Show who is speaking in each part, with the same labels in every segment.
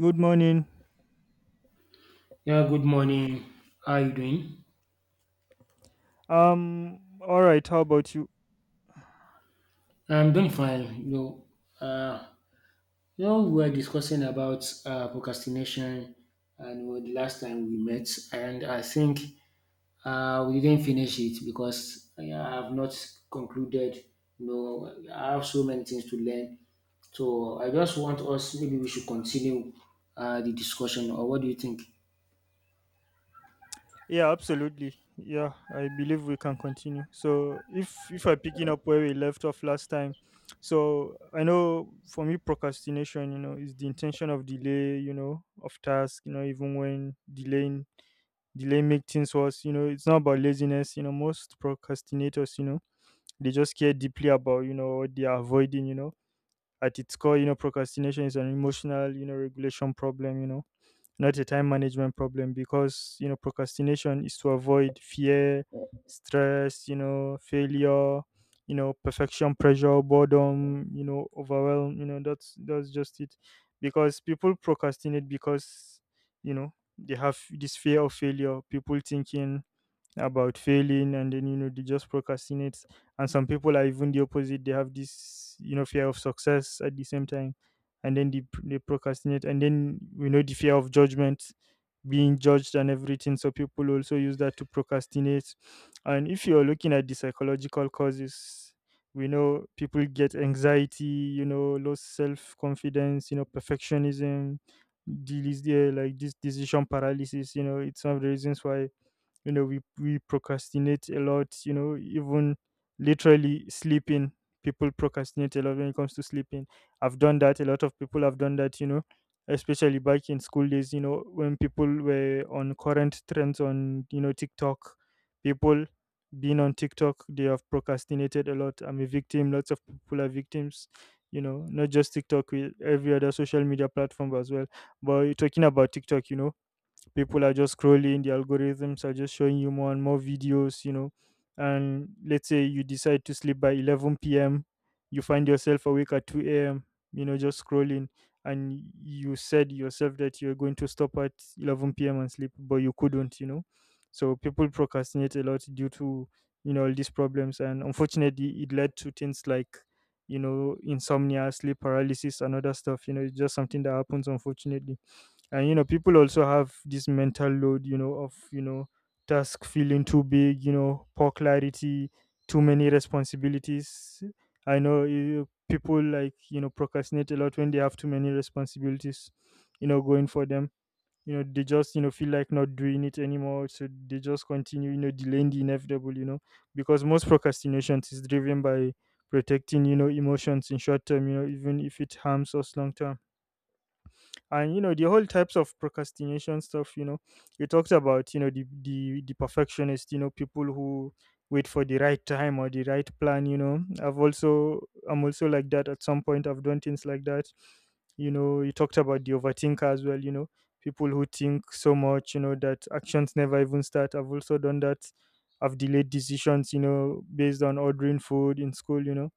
Speaker 1: Good morning.
Speaker 2: Yeah, good morning. How are you doing?
Speaker 1: All right, how about you?
Speaker 2: I'm doing fine. Uh, we were discussing about procrastination, and well, the last time we met, and I think we didn't finish it because yeah, I have not concluded. You know, I have so many things to learn. So I just want us maybe we should continue the discussion, or what do you think?
Speaker 1: Yeah, absolutely. Yeah, I believe we can continue. So if I'm picking up where we left off last time, so I know for me procrastination, you know, is the intention of delay, you know, of task, you know, even when delaying delay make things worse, you know. It's not about laziness, you know. Most procrastinators, you know, they just care deeply about, you know, what they are avoiding, you know. At its core, you know, procrastination is an emotional, you know, regulation problem, you know, not a time management problem, because you know procrastination is to avoid fear, stress, you know, failure, you know, perfection pressure, boredom, you know, overwhelm, you know. That's just it, because people procrastinate because, you know, they have this fear of failure, people thinking about failing, and then you know they just procrastinate. And some people are even the opposite. They have this, you know, fear of success at the same time, and then they procrastinate, and then you know the fear of judgment, being judged and everything, so people also use that to procrastinate. And if you're looking at the psychological causes, we know people get anxiety, you know, low self-confidence, you know, perfectionism, these, like this decision paralysis, you know, it's some of the reasons why, you know, we procrastinate a lot, you know, even literally sleeping. People procrastinate a lot when it comes to sleeping. I've done that. A lot of people have done that, you know, especially back in school days, you know, when people were on current trends on, you know, TikTok. People being on TikTok, they have procrastinated a lot. I'm a victim. Lots of people are victims, you know, not just TikTok, with every other social media platform as well. But talking about TikTok, you know, people are just scrolling. The algorithms are just showing you more and more videos, you know. And let's say you decide to sleep by 11 p.m, you find yourself awake at 2 a.m, you know, just scrolling. And you said yourself that you're going to stop at 11 p.m and sleep, but you couldn't, you know. So people procrastinate a lot due to, you know, all these problems, and unfortunately it led to things like, you know, insomnia, sleep paralysis, and other stuff, you know. It's just something that happens, unfortunately. And you know, people also have this mental load, you know, of, you know, task feeling too big, you know, poor clarity, too many responsibilities. I know you, people, like, you know, procrastinate a lot when they have too many responsibilities, you know, going for them. You know, they just, you know, feel like not doing it anymore, so they just continue, you know, delaying the inevitable, you know, because most procrastinations is driven by protecting, you know, emotions in short term, you know, even if it harms us long term. And you know the whole types of procrastination stuff, you know, you talked about, you know, the perfectionist, you know, people who wait for the right time or the right plan. You know, I've also, I'm also like that at some point. I've done things like that, you know. You talked about the overthinker as well, you know, people who think so much, you know, that actions never even start. I've also done that. I've delayed decisions, you know, based on ordering food in school, you know.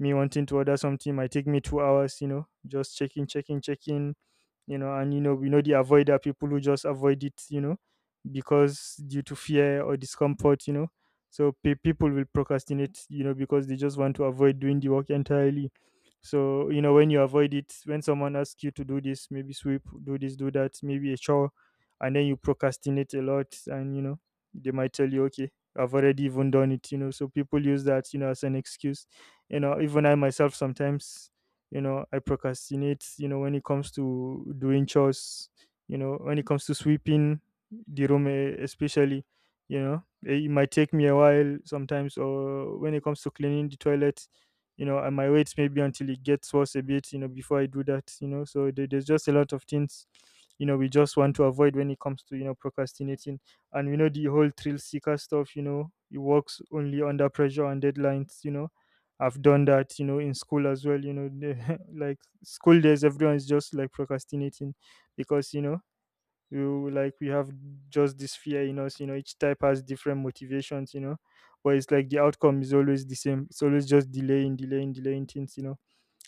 Speaker 1: Me wanting to order something might take me 2 hours, you know, just checking you know. And you know, we know the avoider, people who just avoid it, you know, because due to fear or discomfort, you know. So people will procrastinate, you know, because they just want to avoid doing the work entirely. So you know, when you avoid it, when someone asks you to do this, maybe sweep, do this, do that, maybe a chore, and then you procrastinate a lot. And you know, they might tell you, okay, I've already even done it, you know. So people use that, you know, as an excuse. You know, even I myself sometimes, you know, I procrastinate, you know, when it comes to doing chores, you know, when it comes to sweeping the room, especially, you know, it might take me a while sometimes, or when it comes to cleaning the toilet, you know, I might wait maybe until it gets worse a bit, you know, before I do that, you know. So there's just a lot of things, you know, we just want to avoid when it comes to, you know, procrastinating. And you know the whole thrill seeker stuff, you know, it works only under pressure and deadlines, you know. I've done that, you know, in school as well. You know, the- like school days, everyone's just like procrastinating because, you know, you like we have just this fear in us, you know. Each type has different motivations, you know, but it's like the outcome is always the same. It's always just delaying, delaying, delaying things, you know.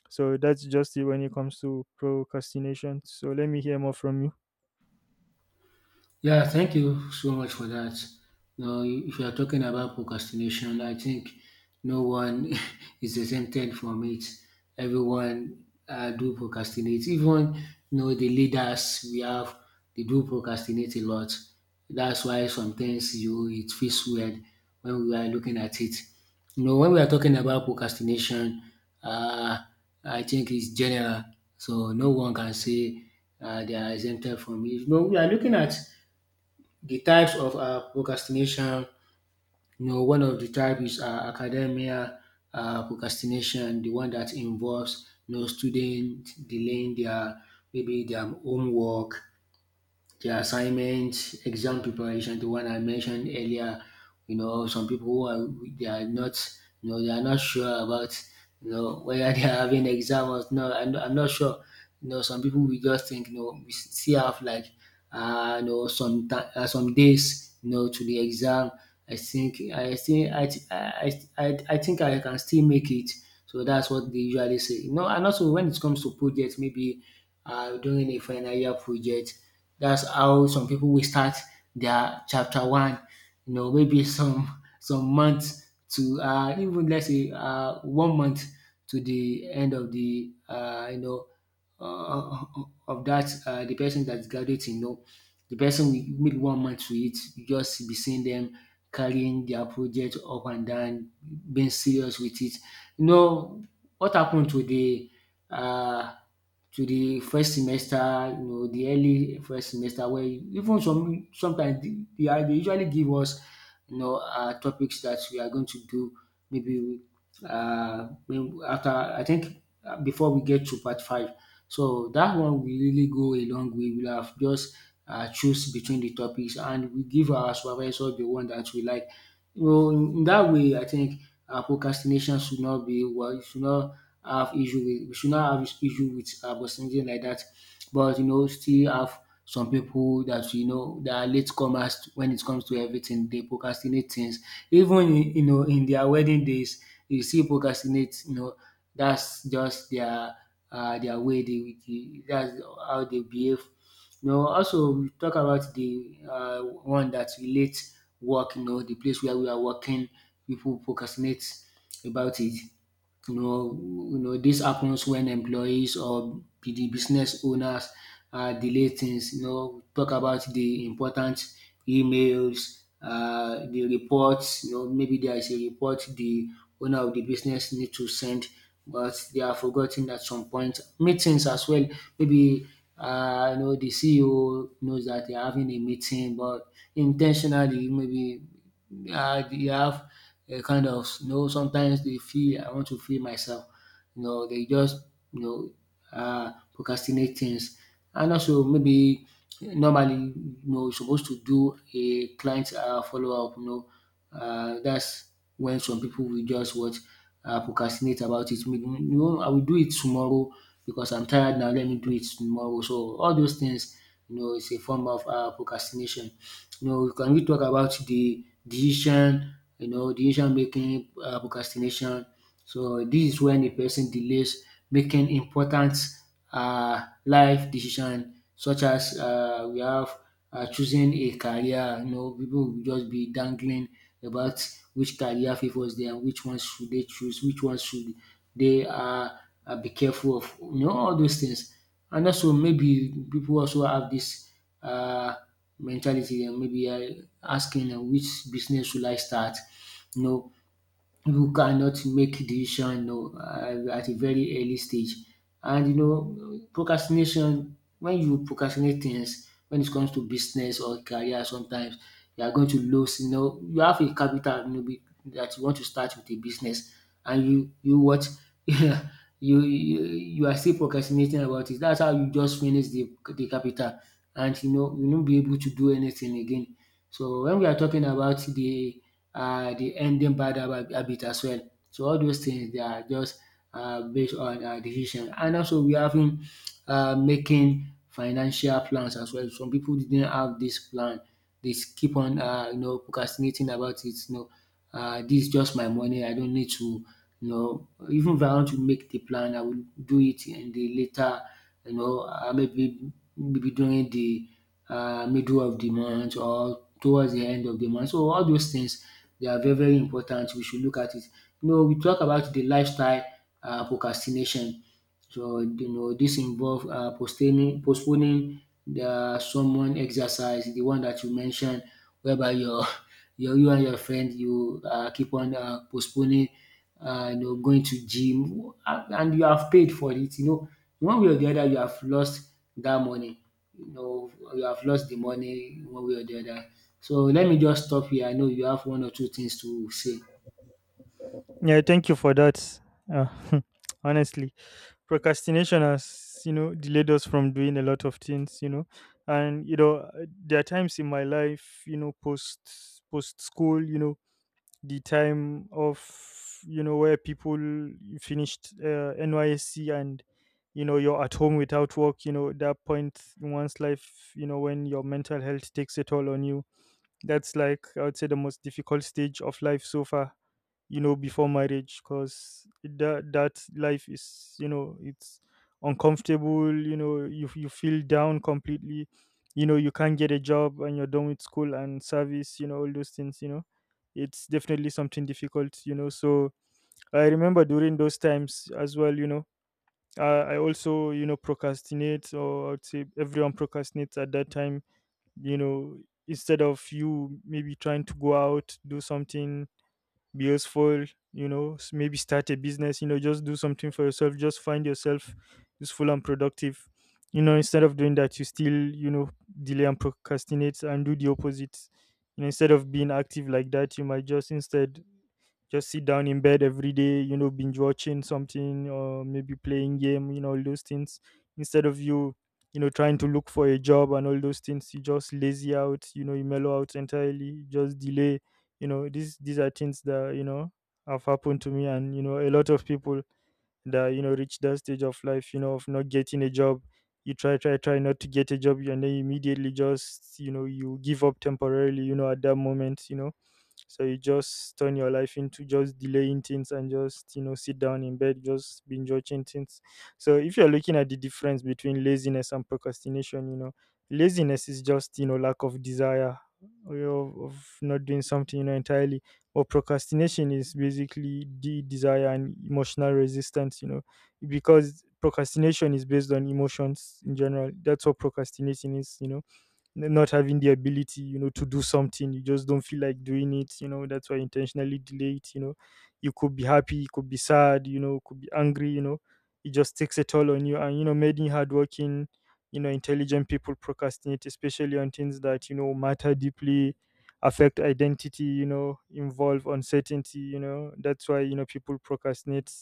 Speaker 1: So that's just it when it comes to procrastination. So let me hear more from you.
Speaker 2: Yeah, thank you so much for that. Now, if you are talking about procrastination, I think no one is exempted from it. Everyone do procrastinate. Even you know the leaders we have, they do procrastinate a lot. That's why sometimes you it feels weird when we are looking at it. You know, when we are talking about procrastination, uh, I think it's general. So no one can say they are exempted from it. You know, we are looking at the types of procrastination. You know, one of the type is academia procrastination, the one that involves you know student delaying their maybe their homework, the assignments, exam preparation, the one I mentioned earlier. You know, some people who are they are not, you know, they are not sure about, you know, whether they are having exam or not. I'm not sure. You know, some people we just think, you know, we still have like, you know, some days, you know, to the exam. I think I think I th- I think I can still make it. So that's what they usually say. You know, and also when it comes to projects, maybe during a final year project. That's how some people will start their chapter one, you know, maybe some months to even let's say 1 month to the end of the you know uh, of that the person that's graduating, you know, the person will make 1 month to it. You just be seeing them carrying their project up and down, being serious with it. You know what happened um to the first semester, you know, the early first semester where even sometimes they usually give us you know topics that we are going to do, maybe um after I think before we get to part 5. So that one will really go a long way. We will have just choose between the topics and we give our supervisor the one that we like. Well, in that way, I think procrastination should not be well. You should not have issue with. We should not have issue with procrastination like that. But you know, still have some people that you know that are latecomers when it comes to everything. They procrastinate things. Even in, you know, in their wedding days, you see procrastinate. You know, that's just their way. They, that's how they behave. You know, also we talk about the one that relates work, you know, the place where we are working, people procrastinate about it. You know, you know this happens when employees or be the business owners delay things. You know, talk about the important emails, the reports. You know, maybe there is a report the owner of the business need to send, but they are forgotten at some point. Meetings as well, maybe you know the CEO knows that they are having a meeting, but intentionally maybe they have kind of, you know, sometimes they feel I want to feel myself. You know, they just you know procrastinate things, and also maybe normally you know you're supposed to do a client follow up. You know, that's when some people will just what procrastinate about it. Maybe, you know, I will do it tomorrow because I'm tired now. Let me do it tomorrow. So all those things, you know, it's a form of procrastination. You know, can we talk about the decision, you know, decision making procrastination. So this is when a person delays making important life decision, such as we have choosing a career. You know, people will just be dangling about which career favors them, which ones should they choose, which ones should they be careful of. You know, all those things. And also maybe people also have this um mentality, and maybe asking which business should I start? You know who cannot make decision you know at a very early stage. And you know procrastination, when you procrastinate things when it comes to business or career, sometimes you are going to lose. You know you have a capital, you know, that you want to start with a business, and you what you, you you are still procrastinating about it. That's how you just finish the capital, and you know you won't be able to do anything again. So when we are talking about the ending habit as well. So all those things they are just based on decision, and also we having making financial plans as well. Some people didn't have this plan. They keep on you know procrastinating about it, you know, this is just my money, I don't need to, you know, even if I want to make the plan, I will do it in the later. You know, maybe during the middle of the month or towards the end of the month. So all those things, they are very very important, we should look at it. You know we talk about the lifestyle procrastination. So you know this involve postaining postponing the someone exercise, the one that you mentioned, whereby your you and your friend you keep on postponing you know going to gym, and you have paid for it. You know, one way or the other you have lost that money. You know you have lost the money one way or the other. So let me just stop here, I know you have one or two things to say.
Speaker 1: Yeah, thank you for that. Uh, Honestly, procrastination has, you know, delayed us from doing a lot of things, you know. And you know, there are times in my life, you know, post school, you know, the time of, you know, where people finished NYSC, and you know you're at home without work. You know, that point in one's life, you know, when your mental health takes a toll on you, that's, like, I would say the most difficult stage of life so far, you know, before marriage, because that life is, you know, it's uncomfortable. You know, you feel down completely. You know, you can't get a job, and you're done with school and service, you know, all those things. You know, it's definitely something difficult, you know. So I remember during those times as well. You know, I also, you know, procrastinate, or I would say everyone procrastinates at that time, you know. Instead of you maybe trying to go out, do something, be useful, you know, maybe start a business, you know, just do something for yourself, just find yourself useful and productive, you know, instead of doing that, you still, you know, delay and procrastinate and do the opposite. You know, instead of being active like that, you might just instead just sit down in bed every day, you know, binge watching something or maybe playing game, you know, all those things. Instead of you, you know, trying to look for a job and all those things, you just lazy out, you know, you mellow out entirely, just delay. You know, these are things that, you know, have happened to me, and you know, a lot of people that, you know, reach that stage of life, you know, of not getting a job, you try, not to get a job, and then immediately, just, you know, you give up temporarily, you know, at that moment, you know. So you just turn your life into just delaying things and just, you know, sit down in bed, just binge watching things. So if you're looking at the difference between laziness and procrastination, you know, laziness is just, you know, lack of desire or of not doing something, you know, entirely. Or procrastination is basically the desire and emotional resistance, you know, because procrastination is based on emotions in general. That's what procrastinating is, you know, not having the ability, you know, to do something. You just don't feel like doing it, you know. That's why you intentionally delay it, you know. You could be happy, you could be sad, you know, could be angry, you know. It just takes a toll on you. And, you know, many hardworking, you know, intelligent people procrastinate, especially on things that, you know, matter deeply, affect identity, you know, involve uncertainty, you know. That's why, people procrastinate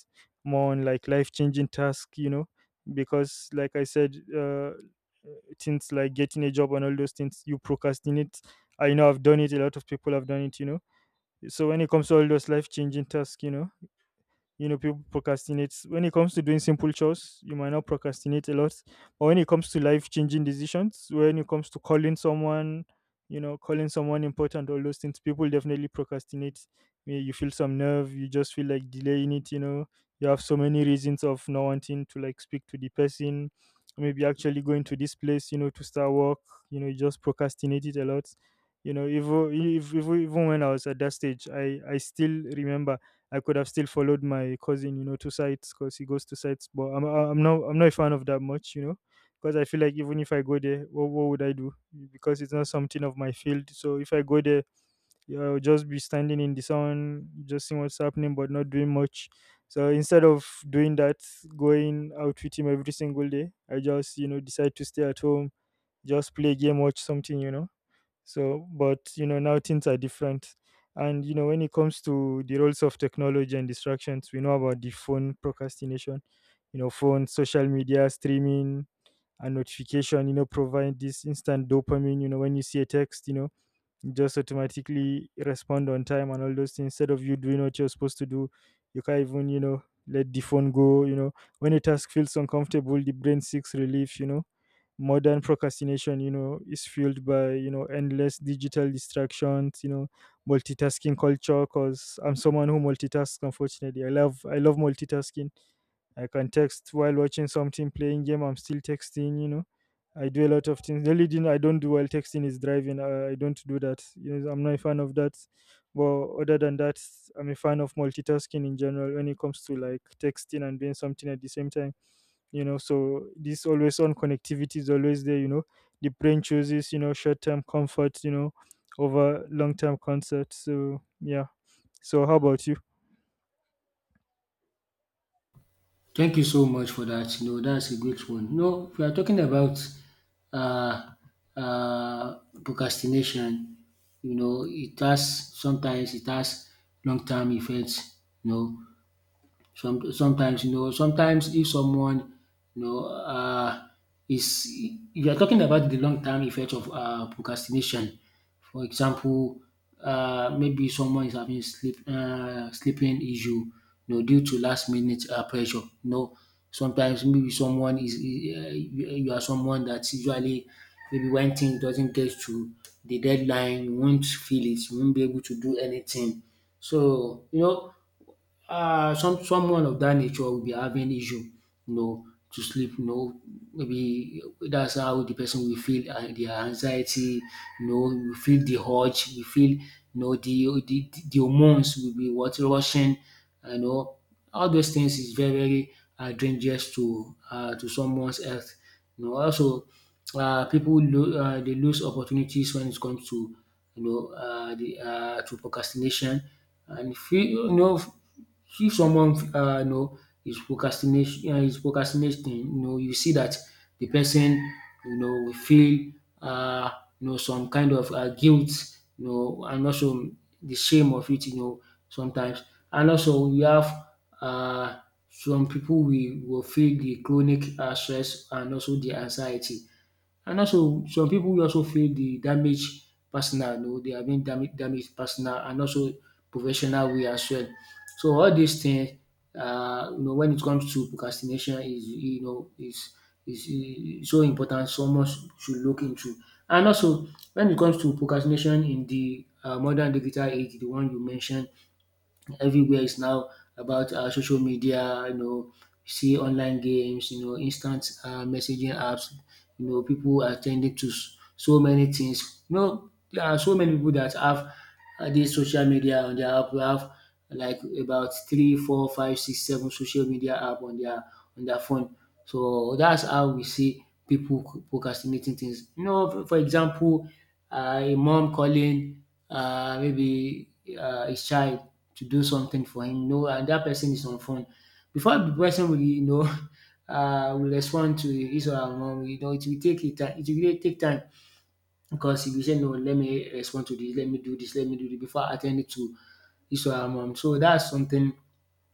Speaker 1: more on like life changing tasks, because like I said, things like getting a job and all those things you procrastinate. I know I've done it. A lot of people have done it. So when it comes to all those life changing tasks, people procrastinate. When it comes to doing simple chores, you might not procrastinate a lot. But when it comes to life changing decisions, when it comes to calling someone, calling someone important, all those things, people definitely procrastinate. You feel some nerve. You just feel like delaying it. You have so many reasons of not wanting to like speak to the person, maybe actually going to this place, to start work. You just procrastinate it a lot. Even when I was at that stage, I still remember. I could have still followed my cousin, to sites because he goes to sites. But I'm not a fan of that much, because I feel like even if I go there, what would I do? Because it's not something of my field. So if I go there, yeah, I'll just be standing in the sun, just seeing what's happening, but not doing much. So instead of doing that, going out with him every single day, I just decide to stay at home, just play a game, watch something. So, but now things are different. When it comes to the roles of technology and distractions, we know about the phone procrastination, phone, social media, streaming, and notification, provide this instant dopamine. When you see a text, you just automatically respond on time and all those things. Instead of you doing what you're supposed to do, you can't even, let the phone go. When a task feels uncomfortable, the brain seeks relief. Modern procrastination is fueled by endless digital distractions, multitasking culture. Because I'm someone who multitasks. Unfortunately, I love multitasking. I can text while watching something, playing game, I'm still texting. I do a lot of things. The only thing I don't do while texting is driving. I don't do that. I'm not a fan of that. But other than that, I'm a fan of multitasking in general when it comes to like texting and doing something at the same time. So this always on connectivity is always there. The brain chooses short term comfort over long term concept. So yeah, so how about you?
Speaker 2: Thank you so much for that. You know that's a great one. You know if we are talking about uh, procrastination, you know it has sometimes it has long-term effects. You know, sometimes you know, sometimes if someone you know is, if you are talking about the long term effect of procrastination, for example, maybe someone is having sleeping issue, you know, due to last minute pressure. You know, sometimes maybe someone is you you are someone that usually maybe when things doesn't get to the deadline, you won't feel it, you won't be able to do anything. So you know some someone of that nature will be having issue, you know, to sleep. You know, maybe that's how the person will feel de anxiety. You know you feel the urge. We feel you know the de hormones will be what rushing, you know, all those things is very very dangerous to someone's health. You know also they lose opportunities when it comes to you know the to procrastination. And if you, you know, if someone you know is procrastinating, you know you see that the person, you know, will feel uh, you know some kind of guilt, you know, and also the shame of it, you know, sometimes. And also we have uh, some people we will feel the chronic stress and also the anxiety, and also some pipu also feel the damage personal. You know they have been damaged personal and also professional way as well. So all these things, you know when it comes to procrastination is you know is so important someone should look into. And also when it comes to procrastination in the modern digital age, the one you mentioned, everywhere is now about social media. You know, you see online games. You know, instant messaging apps. You know, people are tending to so many things. You know, there are so many people that have this social media on their app. We have like about 3, 4, 5, 6, 7 social media app on their phone. So that's how we see people procrastinating things. You know, for example, a mom calling maybe his child to do something for him, you know, and that person is on phone. Before the person will, will respond to his or her mom, you know, it will really take time because he will say, no, let me respond to this, let me do this, let me do this before attending to his or her mom. So that's something,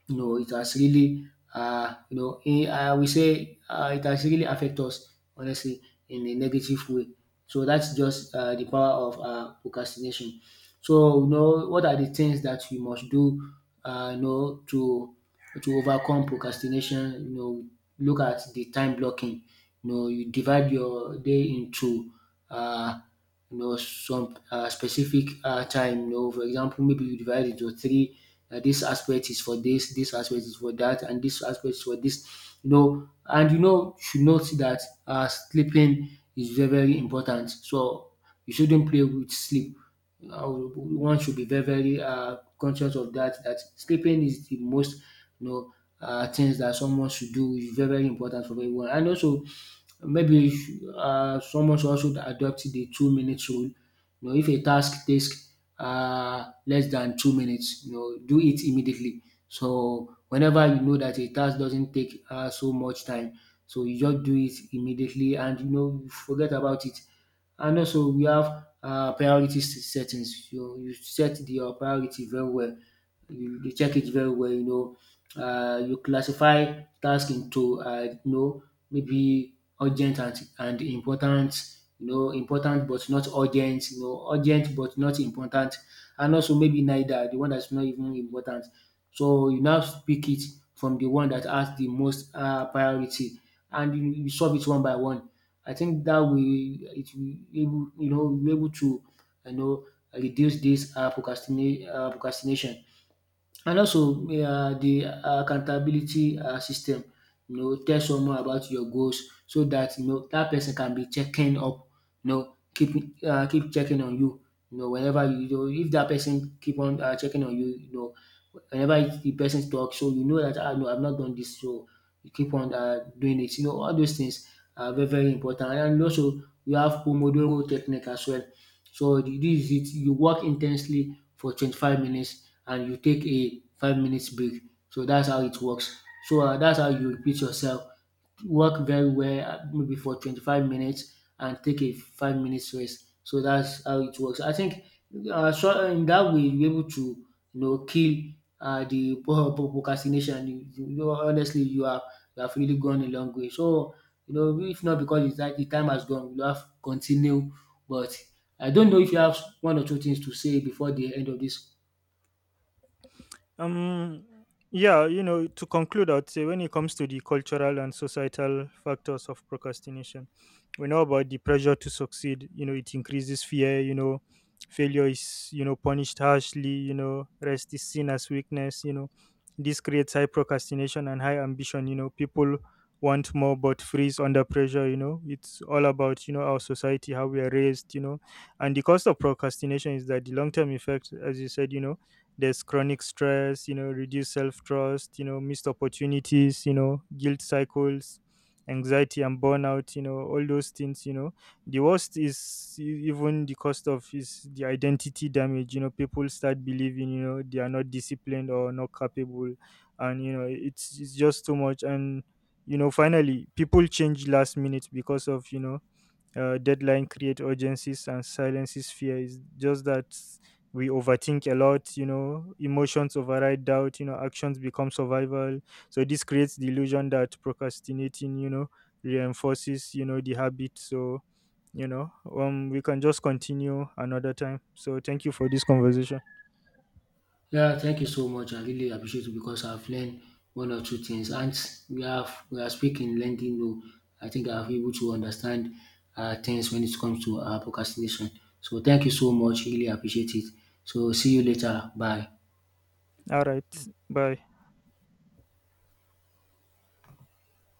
Speaker 2: it has really, I will say it has really affected us, honestly, in a negative way. So that's just the power of procrastination. So you know what are the things that you must do, to overcome procrastination. You know, look at the time blocking. You know, you divide your day into uh, you know some specific time. You know, for example, maybe you divide it into three. Dis Aspect is for this. This aspect is for that, and this aspect is for this. You know, and you know you should note that sleeping is very very important, so you shouldn't play with sleep. uh, One should be very very conscious of that, that sleeping is the most, you know things that someone should do, is very very important for everyone. And also, maybe someone should also adopt the 2 minutes rule. You know, if a task takes less than 2 minutes, you know, do it immediately. So whenever you know that a task doesn't take so much time, so you just do it immediately and you know forget about it. And also we have settings. You set your priority very well. You check it very well, you know. You classify task into you know maybe urgent and important, you know, important but not urgent, you know, urgent but not important, and also maybe neither, the one that's not even important. So you now pick it from the one that has the most priority, and you solve it one by one. I think that we it will able, will able to, you know reduce this procrastinate procrastination. And also the accountability system. You know, tell someone about your goals so that, you know, that person can be checking up, you know, keep keep checking on you. You know, whenever you know if that person keep on checking on you, you know, whenever the person talk, so you know that, no, I've not done this, so you keep on doing it. You know, all those things are very very important. And also you have Pomodoro technique as well. This is it. You work intensely for 25 minutes and you take a 5 minutes break. So that's how it works. So that's how you repeat yourself. Work very well, maybe for 25 minutes, and take a 5 minutes rest. So that's how it works. I think in that way you're able to, kill the procrastination. You know, honestly, you have really gone a long way. So you know, if not because it's like the time has gone, you have continue. But I don't know if you have one or two things to say before the end of this.
Speaker 1: Um, yeah, to conclude, I'd say when it comes to the cultural and societal factors of procrastination, we know about the pressure to succeed. It increases fear. Failure is punished harshly. Rest is seen as weakness. This creates high procrastination and high ambition. People want more but freeze under pressure. It's all about our society, how we are raised. And the cost of procrastination is that the long term effect, as you said, there's chronic stress, reduced self-trust, missed opportunities, guilt cycles, anxiety and burnout, all those things. The worst is even the cost of is the identity damage. People start believing they are not disciplined or not capable. And it's just too much. And finally people change last minute because of deadline create urgencies and silences fear is just that we overthink a lot. Emotions override doubt. Actions become survival. So this creates the illusion that procrastinating reinforces the habit. So you know um we can just continue another time. So thank you for this conversation.
Speaker 2: Yeah, thank you so much. I really appreciate it because I've learned one or two things. And we are speaking lending. Though I think I've able to understand things when it comes to procrastination. So thank you so much. Really appreciate it. So see you later. Bye.
Speaker 1: All right. Bye.